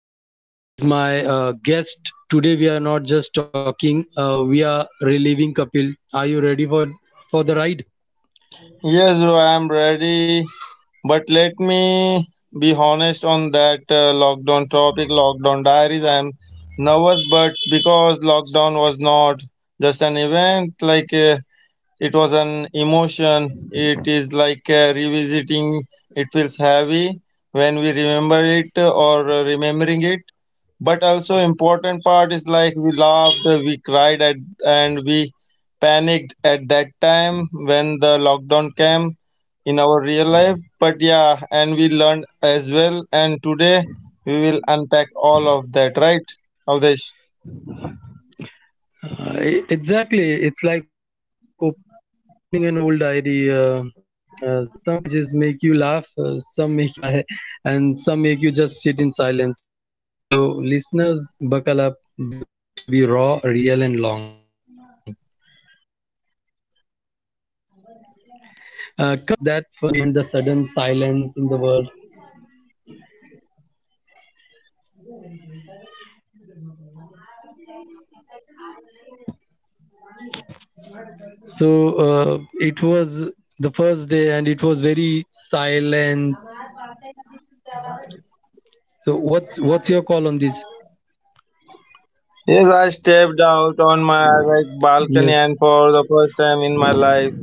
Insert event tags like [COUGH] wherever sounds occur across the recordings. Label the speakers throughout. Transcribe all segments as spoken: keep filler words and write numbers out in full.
Speaker 1: uh, is my uh, guest. Today we are not just talking, uh, we are reliving Kapil. Are you ready for, for the ride?
Speaker 2: Yes, bro, I am ready. But let me be honest on that uh, lockdown topic, lockdown diaries. I am nervous, but because lockdown was not just an event, like uh, it was an emotion. It is like uh, revisiting. It feels heavy when we remember it uh, or uh, remembering it, but also important part is like we laughed, we cried at, and we panicked at that time when the lockdown came in our real life, but yeah, and we learned as well, and today we will unpack all of that, right, Avdesh?
Speaker 1: Uh, e- exactly, it's like opening an old diary. Uh, uh, some pages make you laugh, uh, some make you cry, and some make you just sit in silence. So, listeners, buckle up. This is going to be raw, real, and long. Uh, Kapil, do you remember that first time, uh, first night, the announcement, the sudden silence in the world? So uh, it was the first day, and it was very silent. So what's what's your call on this?
Speaker 2: Yes, I stepped
Speaker 1: Yes,
Speaker 2: out on my like balcony, and for the first time in my life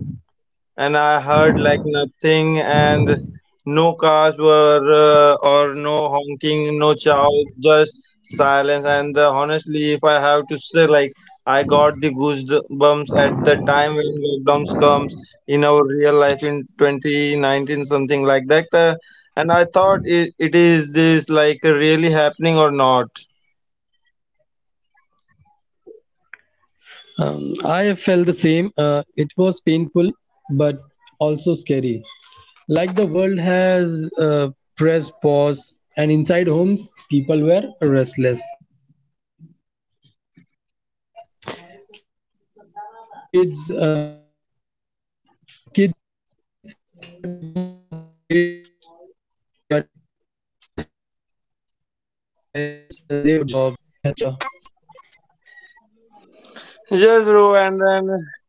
Speaker 2: and I heard like nothing, and no cars were uh, or no honking, no chow, just silence. And uh, honestly, if I have to say, like I got the goosebumps at the time when lockdowns comes in our real life in twenty nineteen, something like that. Uh, and I thought it, it is this like really happening or not.
Speaker 1: um, I felt the same. Uh, it was painful, but also scary. Like the world has uh, pressed pause, and inside homes, people were restless. kids uh, kids thought it was a holiday, but uh, parents, uh, they were worried about jobs, health, future,
Speaker 2: Yes, bro, and
Speaker 1: yeah.
Speaker 2: then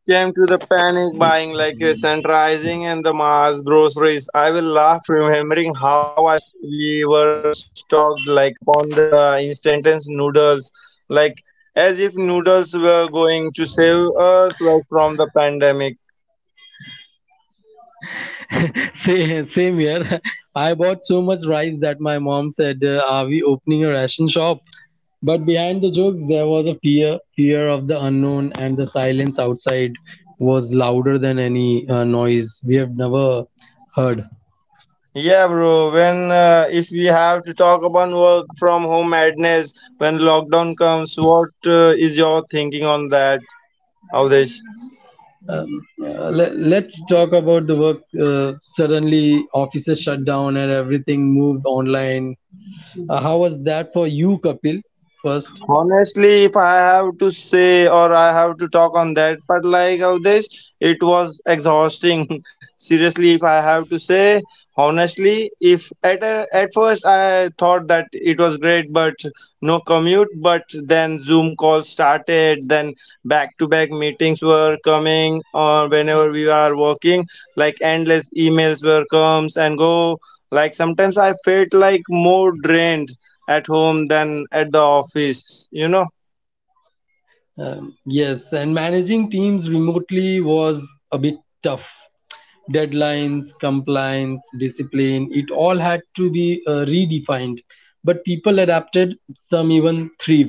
Speaker 2: came to the panic buying like a centralizing and the mass groceries. I will laugh remembering how I s- we were stocked like upon the instant noodles, like as if noodles were going to save us like from the pandemic.
Speaker 1: Same, same here. [LAUGHS] I bought so much rice that my mom said, uh, are we opening a ration shop? But behind the jokes there was a fear fear of the unknown, and the silence outside was louder than any uh, noise we have never heard.
Speaker 2: Yeah, bro. When uh, if we have to talk about work from home madness when lockdown comes, what uh, is your thinking on that, Avdesh?
Speaker 1: Um, uh, let, let's talk about the work. Uh, suddenly offices shut down and everything moved online. Uh, how was that for you, Kapil, first?
Speaker 2: Honestly, if I have to say or I have to talk on that, but like of this, it was exhausting. [LAUGHS] Seriously, if I have to say, honestly, if at a, at first I thought that it was great, but no commute, but then Zoom calls started, then back to back meetings were coming, or whenever we are working, like endless emails were comes and go. Like sometimes I felt like more drained at home than at the office you know
Speaker 1: Um, yes, and managing teams remotely was a bit tough. Deadlines, compliance, discipline, it all had to be uh, redefined, but people adapted. Some even thrived.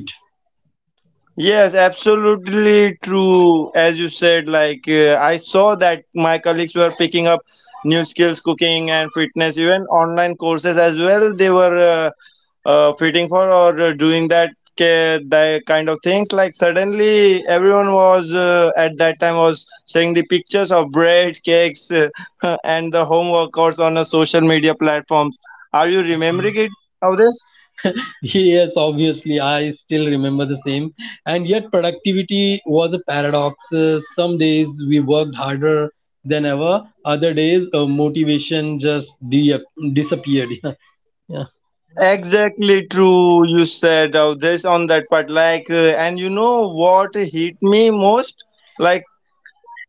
Speaker 2: Yes, absolutely true. As you said, like uh, I saw that my colleagues were picking up new skills, cooking and fitness, even online courses as well. They were uh, uh, fitting for or uh, doing that, ca- that kind of things, like suddenly everyone was uh, at that time was seeing the pictures of bread cakes, uh, [LAUGHS] and the home workouts on a social media platforms. Are you remembering it of this?
Speaker 1: [LAUGHS] Yes, obviously, I still remember the same. And yet, productivity was a paradox. Uh, some days we worked harder than ever, other days, uh, motivation just de- disappeared. [LAUGHS] Yeah. Yeah.
Speaker 2: Exactly true. You said uh, this on that part. Like, uh, and you know what hit me most? Like,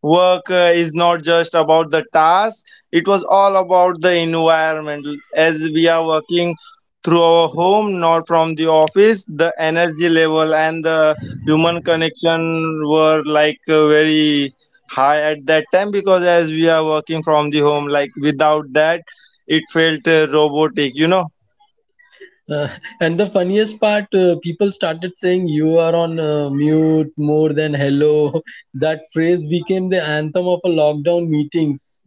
Speaker 2: work uh, is not just about the task, it was all about the environment. As we are working through our home, not from the office, the energy level and the human connection were like uh, very high at that time, because as we are working from the home, like, without that, it felt uh, robotic, you know.
Speaker 1: Uh, and the funniest part, uh, people started saying you are on uh, mute more than hello. [LAUGHS] That phrase became the anthem of a lockdown meetings.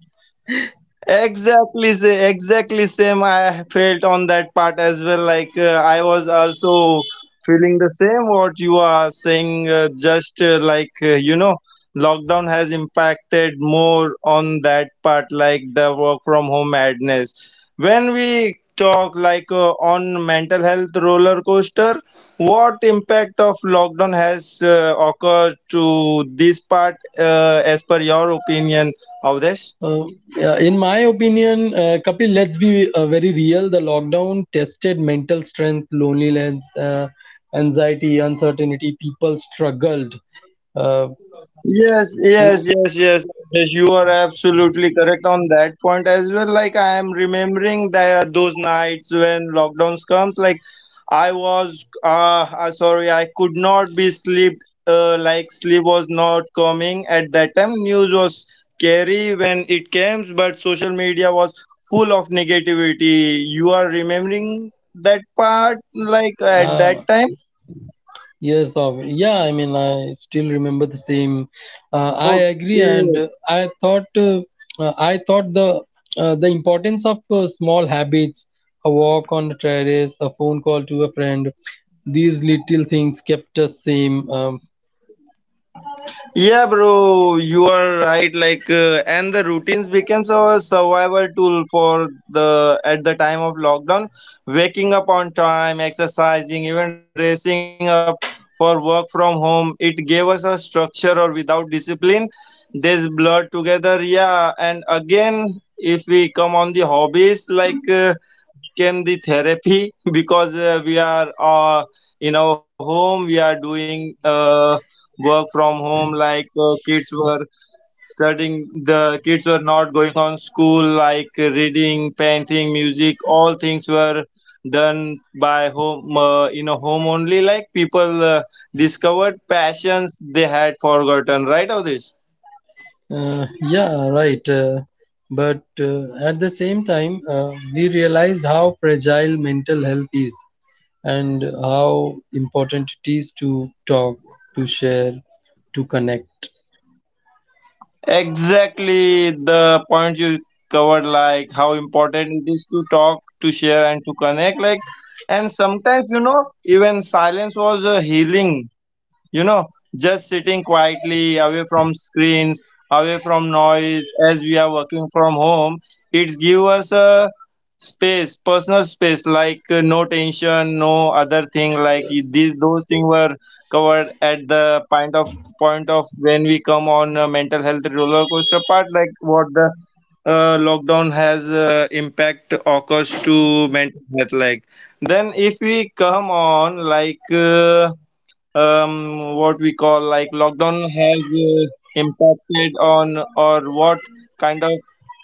Speaker 2: Exactly, say exactly same. I felt on that part as well. Like uh, I was also feeling the same what you are saying. Uh, just uh, like uh, you know, lockdown has impacted more on that part, like the work from home madness. When we talk like uh, on mental health roller coaster, what impact of lockdown has uh, occurred to this part, uh, as per your opinion of this?
Speaker 1: Uh, yeah, in my opinion, uh, Kapil, let's be uh, very real. The lockdown tested mental strength, loneliness, uh, anxiety, uncertainty. People struggled. Uh,
Speaker 2: Yes, yes,
Speaker 1: who-
Speaker 2: yes, yes. Yes, you are absolutely correct on that point as well. Like I am remembering that those nights when lockdowns comes, like I was uh, uh sorry, I could not be sleep. Uh, like sleep was not coming at that time. News was scary when it came, but social media was full of negativity. You are remembering that part, like at that
Speaker 1: uh,
Speaker 2: time.
Speaker 1: yes, of yeah. I mean, I still remember the same. Uh, I agree, and
Speaker 2: Okay.
Speaker 1: uh, I thought uh, uh, I thought the uh, the importance of uh, small habits, a walk on the terrace, a phone call to a friend, these little things kept us same. Um,
Speaker 2: Yeah, bro, you are right. Like, uh, and the routines becomes our survival tool for the at the time of lockdown. Waking up on time, exercising, even dressing up for work from home. It gave us a structure, or without discipline, this blur together. Yeah, and again, if we come on the hobbies, like. Uh, came the therapy [LAUGHS] because uh, we are uh, in our home we are doing uh, work from home, like uh, kids were studying, the kids were not going on school, like reading, painting, music, all things were done by home, uh, in a home only, like people uh, discovered passions they had forgotten, right of this?
Speaker 1: Uh, yeah, right. Uh, but uh, at the same time, uh, we realized how fragile mental health is and how important it is to talk, to share, to connect.
Speaker 2: Exactly the point you covered, like how important it is to talk, to share, and to connect. Like, and sometimes, you know, even silence was a healing you know just sitting quietly away from screens, away from noise, as we are working from home, it give us a space, personal space, like uh, no tension, no other thing, like i- these those things were covered at the point of point of when we come on uh, mental health roller coaster part, like what the uh, lockdown has uh, impact occurs to mental health, like then if we come on like uh, um, what we call like lockdown has uh, impacted on, or what kind of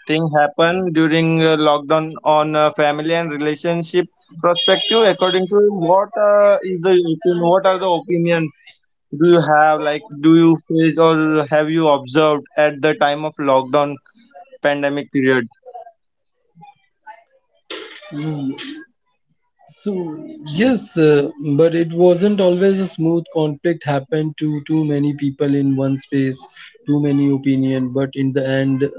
Speaker 2: thing happen during uh, lockdown on uh, family and relationship perspective, according to you, what uh, is the opinion, what are the opinion do you have, like do you face or have you observed at the time of lockdown pandemic period?
Speaker 1: Mm, So, yes, uh, but it wasn't always a smooth conflict happened to too many people in one space, too many opinion, but in the end,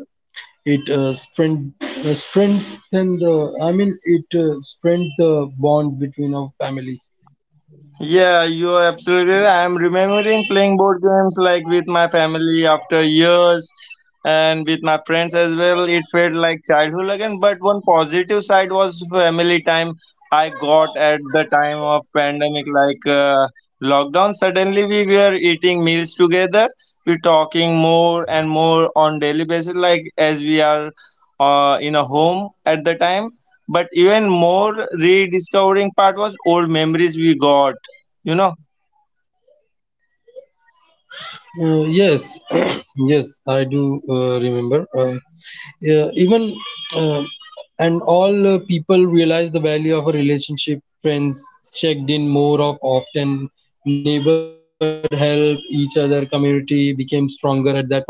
Speaker 1: it uh, strength, uh, strengthened the, I mean, it uh, strengthened the bonds between our family.
Speaker 2: Yeah, you are absolutely right. I'm remembering playing board games like with my family after years and with my friends as well. It felt like childhood again, but one positive side was family time I got at the time of pandemic, like uh, lockdown. Suddenly we were eating meals together. We're talking more and more on daily basis, like as we are uh, in a home at the time. But even more rediscovering part was old memories we got you know,
Speaker 1: Uh, yes, [CLEARS THROAT] yes, I do uh, remember. Uh, yeah, even uh, and all uh, people realize the value of a relationship. Friends checked in more of often. Neighbor help each other. Community became stronger at that point of time.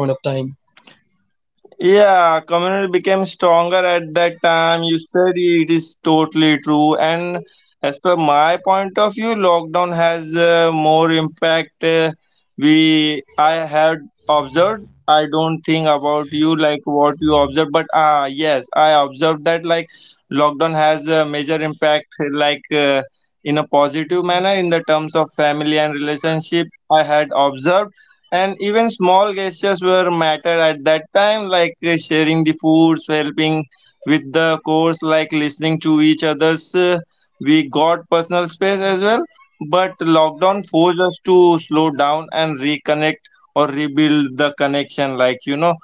Speaker 2: yeah, community became stronger at that time. You said it is totally true. And as per my point of view, lockdown has uh, more impact. Uh, we I had observed. I don't think about you like what you observe, but ah yes, I observed that like lockdown has a major impact, like uh, in a positive manner in the terms of family and relationship, I had observed. And even small gestures were mattered at that time, like uh, sharing the foods, helping with the course, like listening to each other's. uh, we got personal space as well, but lockdown forced us to slow down and reconnect or rebuild the connection, like you know.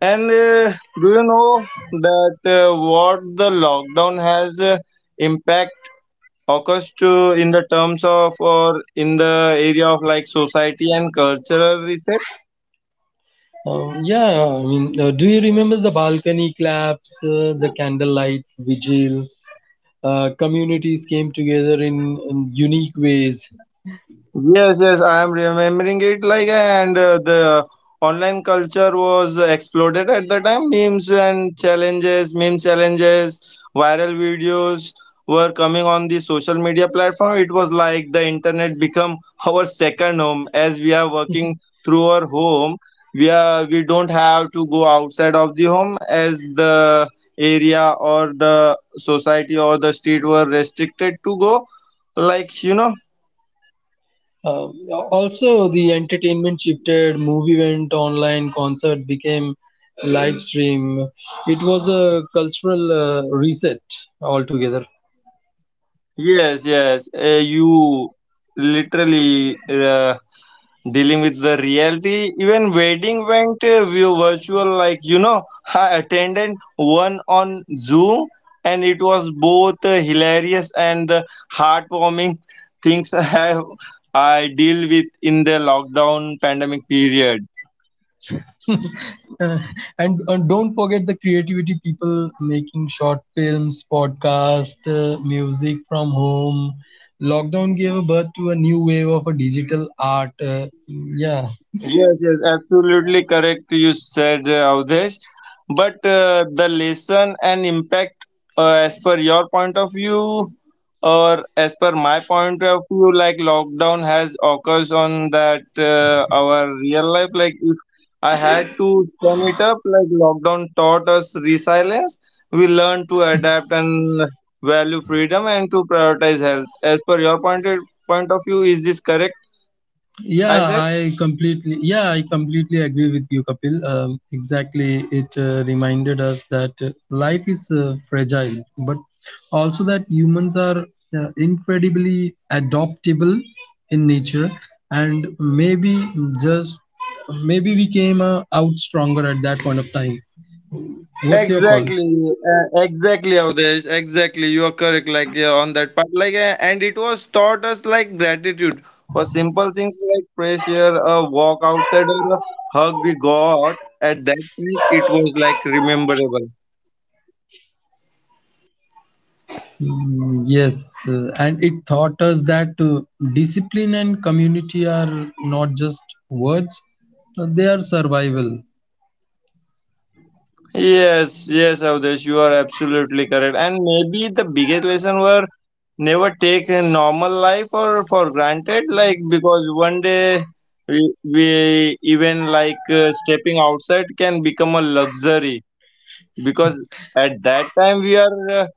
Speaker 2: And uh, do you know that uh, what the lockdown has uh, impact occurs to in the terms of, or in the area of, like society and cultural reset?
Speaker 1: Um, yeah, I mean, uh, do you remember the balcony claps, uh, the candlelight vigils? Uh, communities came together in, in unique ways.
Speaker 2: Yes, yes, I am remembering it, like and uh, the online culture was exploded at the time. Memes and challenges, meme challenges, viral videos were coming on the social media platform. It was like the internet become [LAUGHS] our second home, as we are working through our home. We are we don't have to go outside of the home, as the area or the society or the street were restricted to go like you know
Speaker 1: Um, Also, the entertainment shifted. Movie went online. Concerts became live stream. It was a cultural uh, reset altogether.
Speaker 2: Yes, yes. Uh, you literally uh, dealing with the reality. Even wedding went uh, view virtual. Like you know, I attended one on Zoom, and it was both uh, hilarious and the heartwarming [LAUGHS] things I have I deal with in the lockdown pandemic period.
Speaker 1: Uh, and, and don't forget the creativity people making short films, podcast, uh, music from home. Lockdown gave birth to a new wave of a digital art. Uh, yeah.
Speaker 2: Yes, yes, absolutely correct. You said uh, Avdesh, but uh, the lesson and impact, uh, as per your point of view, or as per my point of view, like lockdown has occurs on that uh, our real life. Like if I had to sum it up, like lockdown taught us resilience. We learned to adapt and value freedom and to prioritize health. As per your point uh, point of view, is this correct?
Speaker 1: Yeah,
Speaker 2: I said.
Speaker 1: I completely yeah, I completely agree with you, Kapil. Um, exactly, it uh, reminded us that uh, life is uh, fragile, but also that humans are uh, incredibly adaptable in nature, and maybe just maybe we came uh, out stronger at that point of time. What's your call?
Speaker 2: Exactly, uh, exactly, Avdesh. Exactly, you are correct. Like yeah, on that part, like, uh, and it was taught us like gratitude for simple things like pressure, a walk outside, or a hug we got. At that point, it was like rememberable.
Speaker 1: Mm. Yes, uh, and it taught us that uh, discipline and community are not just words, uh, they are survival.
Speaker 2: Yes, yes, Avdesh, you are absolutely correct. And maybe the biggest lesson were never take a normal life or for granted, like, because one day we, we even like uh, stepping outside can become a luxury because at that time we are uh,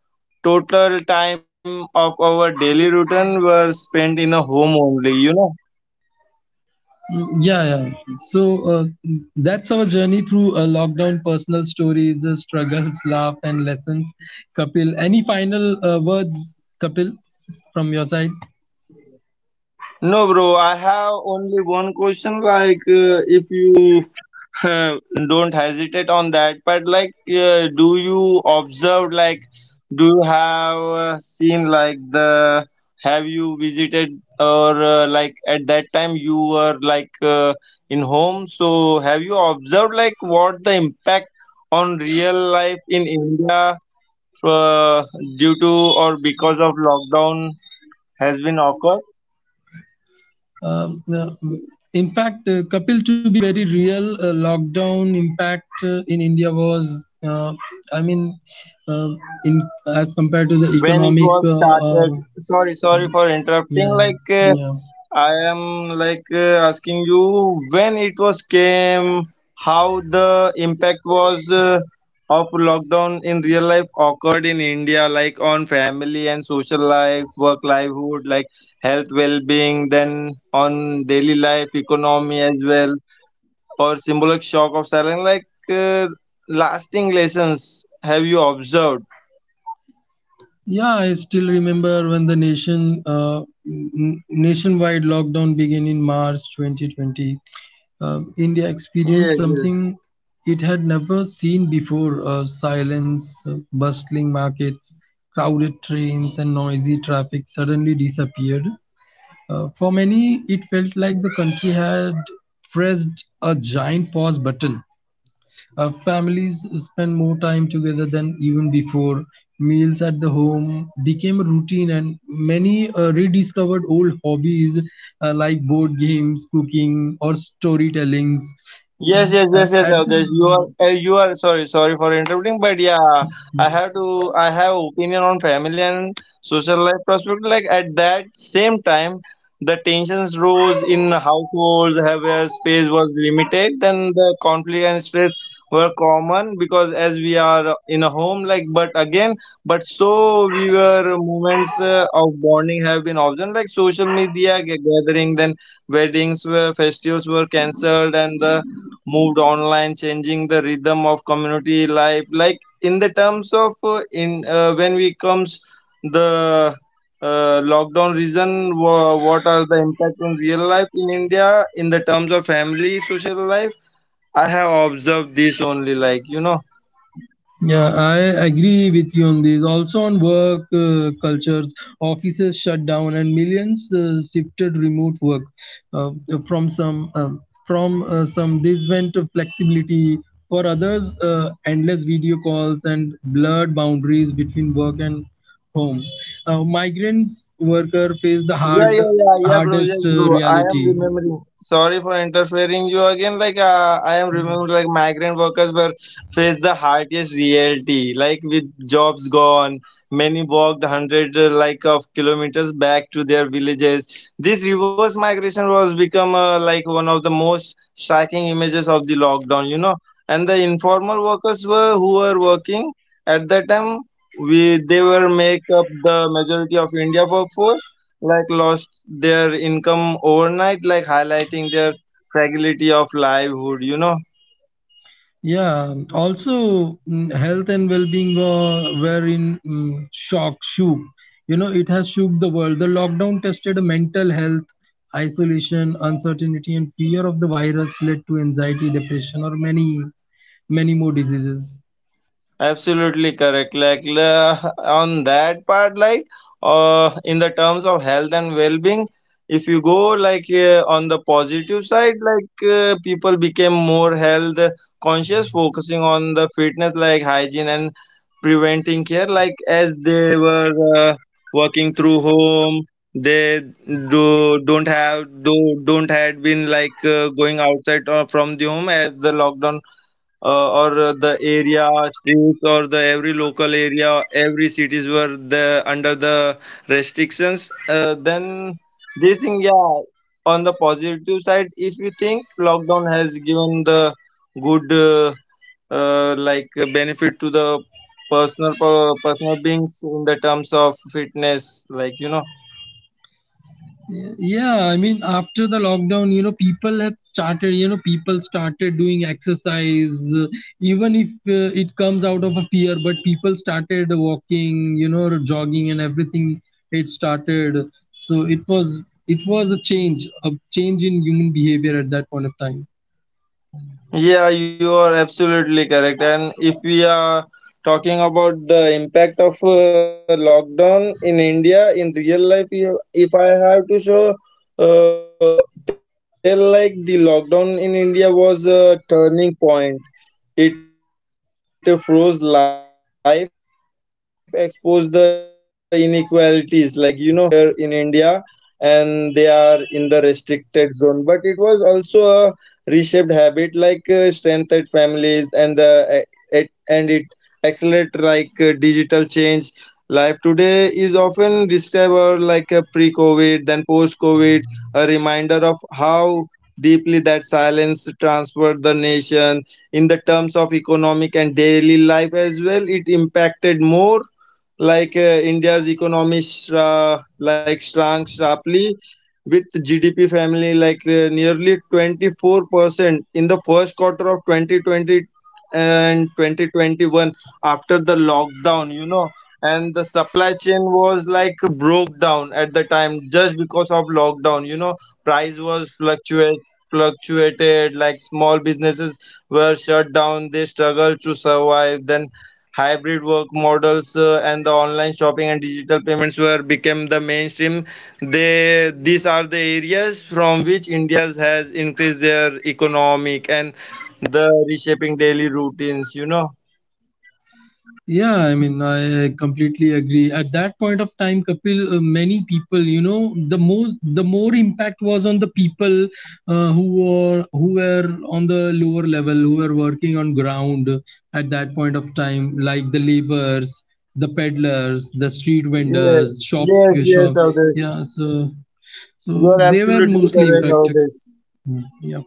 Speaker 2: total time of our daily routine were spent in a home only you know
Speaker 1: Mm. Yeah, yeah. So uh, that's our journey through uh, lockdown, personal stories, uh, struggles, [LAUGHS] laugh, and lessons. Kapil, any final uh, words, Kapil, from your side?
Speaker 2: No, bro, I have only one question, like, uh, if you [LAUGHS] uh, don't hesitate on that, but like uh, do you observe, like, do you have uh, seen, like, the have you visited or uh, like at that time you were like uh, in home, so have you observed like what the impact on real life in India uh, due to or because of lockdown has been occurred?
Speaker 1: Um, uh, mm, in fact, uh, Kapil, to be very real, uh, lockdown impact uh, in India was, uh, I mean, uh, in as compared to the
Speaker 2: When it
Speaker 1: economic
Speaker 2: was
Speaker 1: uh, or
Speaker 2: started, sorry, sorry
Speaker 1: mm,
Speaker 2: for interrupting,
Speaker 1: yeah,
Speaker 2: like, uh,
Speaker 1: yeah,
Speaker 2: I am like uh, asking you, when it was came, how the impact was uh, of lockdown in real life occurred in India, like on family and social life, work, livelihood, like health, well-being, then on daily life, economy as well, or symbolic shock of silence, like uh, lasting lessons have you observed?
Speaker 1: yeah. I still remember when the nation uh, n- nationwide lockdown began in March twenty twenty. Um, India
Speaker 2: Yes,
Speaker 1: experienced
Speaker 2: yes.
Speaker 1: something it had never seen before: uh, silence, uh, bustling markets, crowded trains, and noisy traffic suddenly disappeared. Uh, for many, it felt like the country had pressed a giant pause button. Uh, families spend more time together than even before. Meals at the home became a routine, and many uh, rediscovered old hobbies uh, like board games, cooking, or storytellings.
Speaker 2: Yes,
Speaker 1: Um,
Speaker 2: yes,
Speaker 1: a-
Speaker 2: yes, yes,
Speaker 1: at
Speaker 2: Avdesh. You are,
Speaker 1: the
Speaker 2: uh, you are. Sorry, sorry for interrupting, but yeah, I have to. I have opinion on family and social life perspective. Like at that same time, the tensions rose in households have- where space was limited. Then the conflict and stress were common because as we are in a home, like, but again, but so we were moments uh, of bonding have been optional, like social media ga- gathering, then weddings were festivals were cancelled and the moved online, changing the rhythm of community life, like in the terms of uh, in uh, when we comes the uh, lockdown reason, wha- what are the impact in real life in India in the terms of family social life i have observed this only like you know
Speaker 1: Yeah, I agree with you on this. Also, on work uh, cultures, offices shut down and millions uh, shifted remote work uh, from some. um from uh, some, this went to flexibility. For others, uh, endless video calls and blurred boundaries between work and home. Uh, migrants worker face the hard
Speaker 2: Yeah, yeah, yeah, yeah, bro. Yes,
Speaker 1: hardest uh,
Speaker 2: bro. I am
Speaker 1: reality.
Speaker 2: remembering. Sorry for interfering you again. Like, uh, I am remembering, like, migrant workers were faced the hardest reality. Like, with jobs gone, many walked hundreds, uh, like, of kilometers back to their villages. This reverse migration was become uh, like one of the most striking images of the lockdown. You know, and the informal workers were who were working at that time. We they were make up the majority of India workforce, like lost their income overnight, like highlighting their fragility of livelihood, you know?
Speaker 1: Yeah, also mm, health and well-being were, were in mm, shock, shook. You know, it has shook the world. The lockdown tested mental health, isolation, uncertainty, and fear of the virus led to anxiety, depression, or many, many more diseases.
Speaker 2: Absolutely correct. Like la- on that part, like uh, in the terms of health and well-being, if you go like uh, on the positive side, like uh, people became more health conscious, focusing on the fitness, like hygiene and preventing care. Like as they were uh, working through home, they do don't have do don't had been like uh, going outside uh, from the home as the lockdown uh, or uh, the area streets or the every local area every cities were the under the restrictions, uh, then this thing, yeah, on the positive side, if you think lockdown has given the good uh, uh, like uh, benefit to the personal per- personal beings in the terms of fitness, like, you know.
Speaker 1: Yeah, I mean, after the lockdown, you know people have started you know people started doing exercise. uh, Even if uh, it comes out of a fear, but people started walking, you know jogging and everything, it started. So it was it was a change a change in human behavior at that point of time.
Speaker 2: Yeah, you are absolutely correct. And if we are talking about the impact of uh, lockdown in India in real life, you- if I have to show, uh, tell like the lockdown in India was a turning point. It froze life, exposed the inequalities, like you know, and the tested the patience of the every individual being who were in India, and they are in the restricted zone. But it was also a reshaped habit like uh, strengthened families and the uh, it, and it accelerate like uh, digital change. Life today is often described like a pre-COVID then post-COVID, a reminder of how deeply that silence transferred the nation. In the terms of economic and daily life as well, it impacted more. Like uh, India's economy shra- like shrank sharply with G D P family like uh, nearly twenty-four percent in the first quarter of twenty twenty and twenty twenty-one after the lockdown, you know. And the supply chain was like broke down at the time just because of lockdown, you know. Price was fluctuate fluctuated like small businesses were shut down. They struggled to survive. Then hybrid work models uh, and the online shopping and digital payments were became the mainstream. They these are the areas from which India has increased their economic and the reshaping daily routines, you know.
Speaker 1: Yeah, I mean, I completely agree. At that point of time, Kapil, uh, many people, you know, the more the more impact was on the people uh, who were who were on the lower level, who were working on ground at that point of time, like the laborers, the peddlers, the street
Speaker 2: Yeah.
Speaker 1: vendors, shop
Speaker 2: Yes,
Speaker 1: shop.
Speaker 2: yes, all this.
Speaker 1: Yeah, so
Speaker 2: You
Speaker 1: so
Speaker 2: are
Speaker 1: they were
Speaker 2: absolutely
Speaker 1: mostly
Speaker 2: correct, all
Speaker 1: impacted.
Speaker 2: this.
Speaker 1: Mm. Yeah.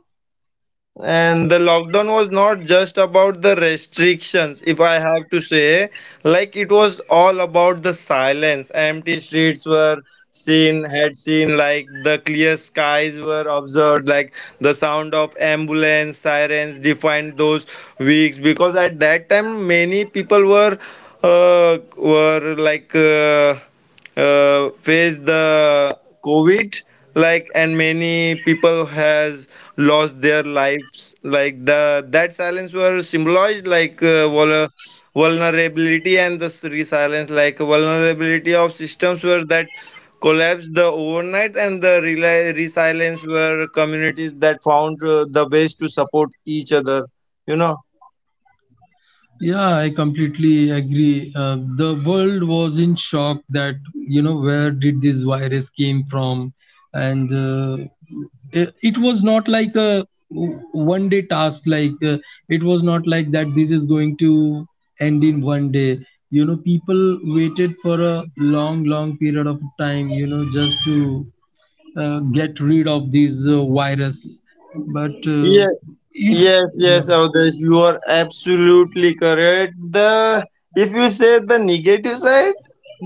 Speaker 2: And the lockdown was not just about the restrictions, if I have to say, like it was all about the silence. Empty streets were seen, had seen, like the clear skies were observed, like the sound of ambulance sirens defined those weeks. Because at that time, many people were uh, were like. Uh, uh, faced the COVID, like, and many people has lost their lives, like the that silence were symbolized like uh, vul- vulnerability and the s- resilience, like vulnerability of systems were that collapsed the overnight, and the rela- resilience were communities that found uh, the ways to support each other, you know.
Speaker 1: Yeah, I completely agree. Uh, the world was in shock that you know where did this virus came from, and uh, it, it was not like a one day task. Like uh, it was not like that. This is going to end in one day. You know, people waited for a long, long period of time. You know, just to uh, get rid of this uh, virus, but uh,
Speaker 2: Yeah,
Speaker 1: it,
Speaker 2: yes,
Speaker 1: yeah,
Speaker 2: yes, Avdesh, you are absolutely correct. The if you say the negative side,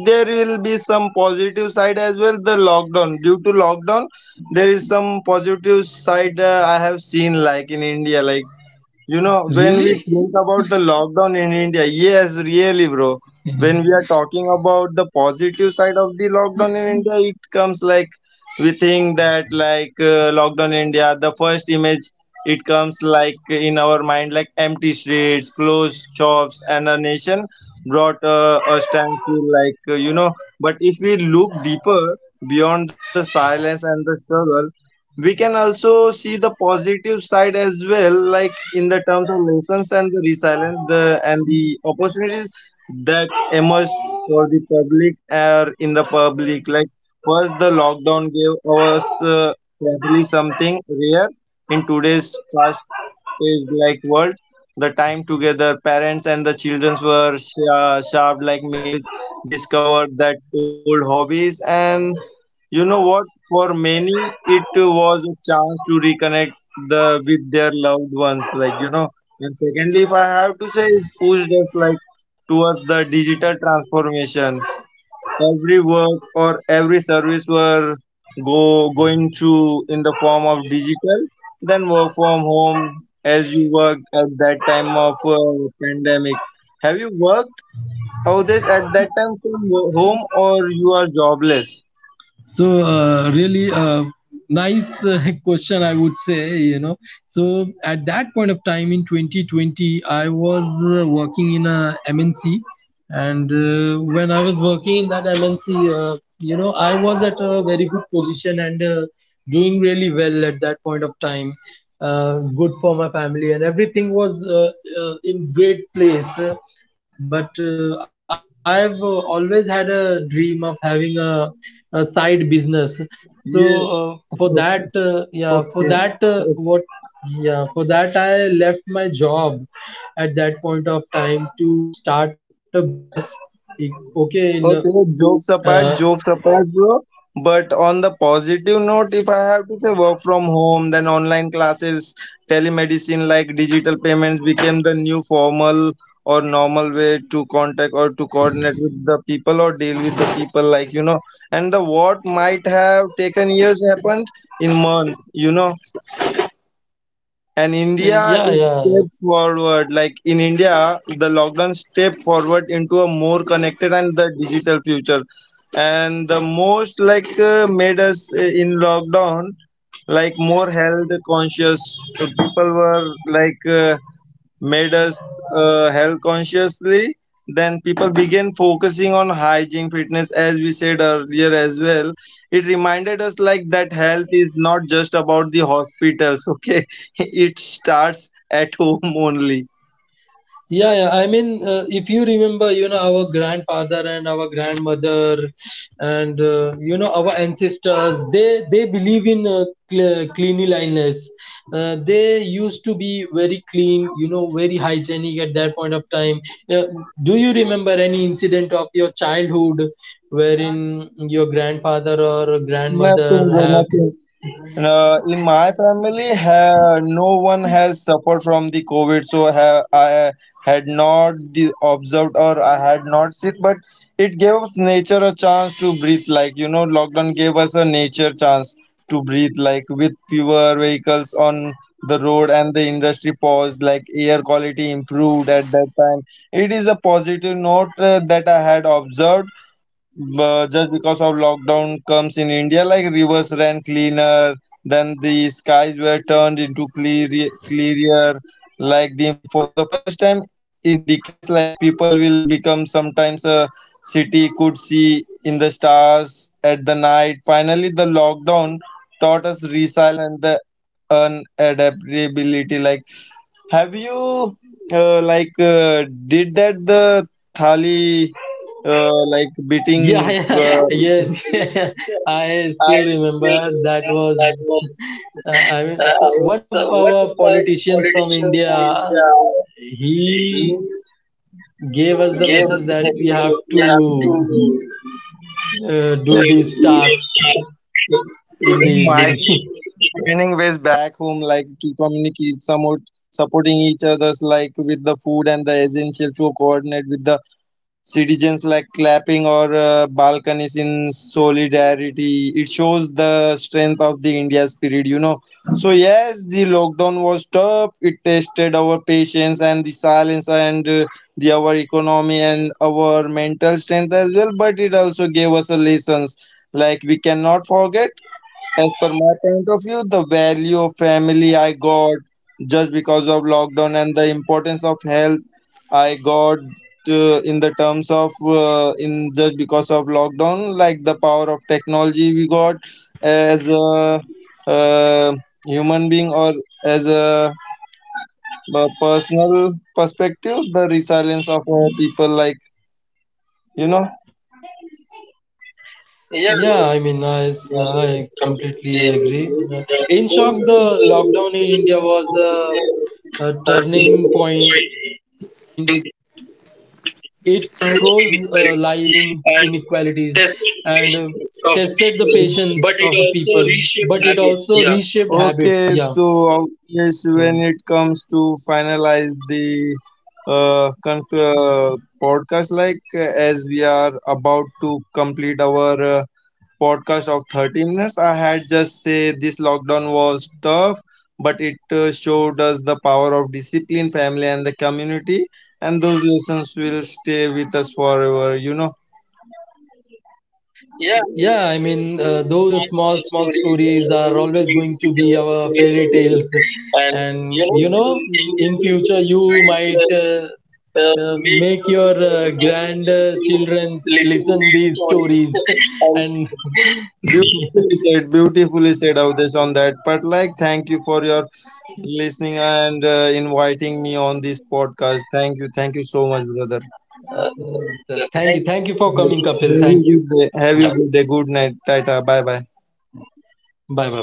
Speaker 2: there will be some positive side as well. The lockdown, due to lockdown, there is some positive side uh, I have seen, like in India, like you know, when we
Speaker 1: really.
Speaker 2: think about the lockdown in India, yes, really, bro. When we are talking about the positive side of the lockdown in India, it comes like we think that like uh, lockdown in India, the first image it comes like in our mind like empty streets, closed shops, and a nation brought uh, a standstill, like uh, you know. But if we look deeper beyond the silence and the struggle, we can also see the positive side as well, like in the terms of lessons and the resilience the and the opportunities that emerged for the public or in the public, like first the lockdown gave us uh, family something rare in today's fast paced like world, the time together, parents and the children were sh- uh, sharp like meals, discovered that old hobbies, and you know what? For many, it was a chance to reconnect the with their loved ones, like, you know. And secondly, if I have to say, it pushed us like towards the digital transformation. Every work or every service were go going to in the form of digital. Then work from home as you worked at that time of uh, pandemic. Have you worked out this at that time from wo- home or you are jobless?
Speaker 1: So uh, really uh, nice uh, [LAUGHS] question, I would say, you know, so at that point of time in twenty twenty I was uh, working in a M N C, and uh, when I was working in that M N C uh, you know, I was at a very good position, and uh, doing really well at that point of time. uh, Good for my family, and everything was uh, uh, in great place. Uh, but uh, I've uh, always had a dream of having a a side business. So uh,
Speaker 2: Yes,
Speaker 1: for that, uh,
Speaker 2: okay.
Speaker 1: yeah, for that,
Speaker 2: Okay.
Speaker 1: uh, what, yeah, for that, I left my job at that point of time to start a business. Okay. in uh,
Speaker 2: Okay. Jokes
Speaker 1: uh,
Speaker 2: apart, jokes apart, bro. But on the positive note, if I have to say work from home, then online classes, telemedicine, like digital payments became the new formal or normal way to contact or to coordinate with the people or deal with the people, like, you know. And the what might have taken years happened in months, you know. And
Speaker 1: yeah,
Speaker 2: India, it
Speaker 1: yeah.
Speaker 2: steps forward. Like in India, the lockdown step forward into a more connected and the digital future. And the most like uh, made us uh, in lockdown, like more health conscious. Uh, People were like. Uh, made us uh, health consciously, then people began focusing on hygiene fitness as we said earlier as well. It reminded us like that health is not just about the hospitals, okay, [LAUGHS] it starts at home only.
Speaker 1: Yeah, yeah. I mean, uh, if you remember, you know, our grandfather and our grandmother, and uh, you know, our ancestors, they they believe in uh, cl- cleanliness. Uh, they used to be very clean, you know, very hygienic at that point of time. Uh, do you remember any incident of your childhood wherein your grandfather or
Speaker 2: Nothing,
Speaker 1: grandmother
Speaker 2: bro,
Speaker 1: have?
Speaker 2: nothing. Uh, in my family, ha- no one has suffered from the COVID, so ha- I had not the observed or I had not seen. But it gave nature a chance to breathe. Like you know, lockdown gave us a nature chance to breathe. Like with fewer vehicles on the road and the industry paused, like air quality improved at that time. It is a positive note uh, that I had observed, but just because of lockdown comes in India, like rivers ran cleaner, then the skies were turned into clear, clearer. Like the for the first time in decades, like people will become sometimes a city could see in the stars at the night. Finally, the lockdown taught us resilience and the unadaptability. Like have you uh, like uh, did that the thali uh, like
Speaker 1: Yeah,
Speaker 2: beating,
Speaker 1: [LAUGHS]
Speaker 2: uh,
Speaker 1: yeah, yes. [LAUGHS] I still remember that was. Uh, I mean, so one of our politicians from India, he gave us the message that we have to uh, do these tasks in the
Speaker 2: my
Speaker 1: evening.
Speaker 2: training ways back home like to communicate somewhat supporting each others, like with the food and the essential to coordinate with the citizens, like clapping or uh, balconies in solidarity, it shows the strength of the India spirit, you know. So yes, the lockdown was tough, it tested our patience and the silence and uh, the our economy and our mental strength as well, but it also gave us a lessons like we cannot forget. As per my point of view, the value of family I got just because of lockdown, and the importance of health I got uh, in the terms of uh, in just because of lockdown, like the power of technology we got as a uh, human being or as a, a personal perspective, the resilience of our people, like, you know.
Speaker 1: [LAUGHS] Yeah, I mean, I I completely agree. Uh, in shock, the lockdown in India was a, a turning point. It froze uh, life, exposed in, inequalities, and uh, tested the patience of a people, but it also reshaped habits, yeah.
Speaker 2: Okay,
Speaker 1: Mm.
Speaker 2: so yes, when it comes to finalize the uh, con- uh, podcast, like uh, as we are about to complete our uh, podcast of thirty minutes, I had just say this lockdown was tough, but it uh, showed us the power of discipline, family, and the community, and those lessons will stay with us forever, you know.
Speaker 1: Yeah, I mean, uh, those uh, small, small stories are always going to be our fairy tales. [LAUGHS] And, you know, in future, you might uh, uh, make your uh, grandchildren listen these stories. [LAUGHS] and [LAUGHS]
Speaker 2: Beautifully said, beautifully said, Avdesh, on that. But like, thank you for your listening and uh, inviting me on this podcast. Thank you, thank you so much, brother.
Speaker 1: uh, uh, Thank you. Thank you for coming, Kapil. Thank you.
Speaker 2: Have you good day.
Speaker 1: Yeah.
Speaker 2: Have you good day. Good night. Tata. Bye bye.
Speaker 1: Bye, bye, bye.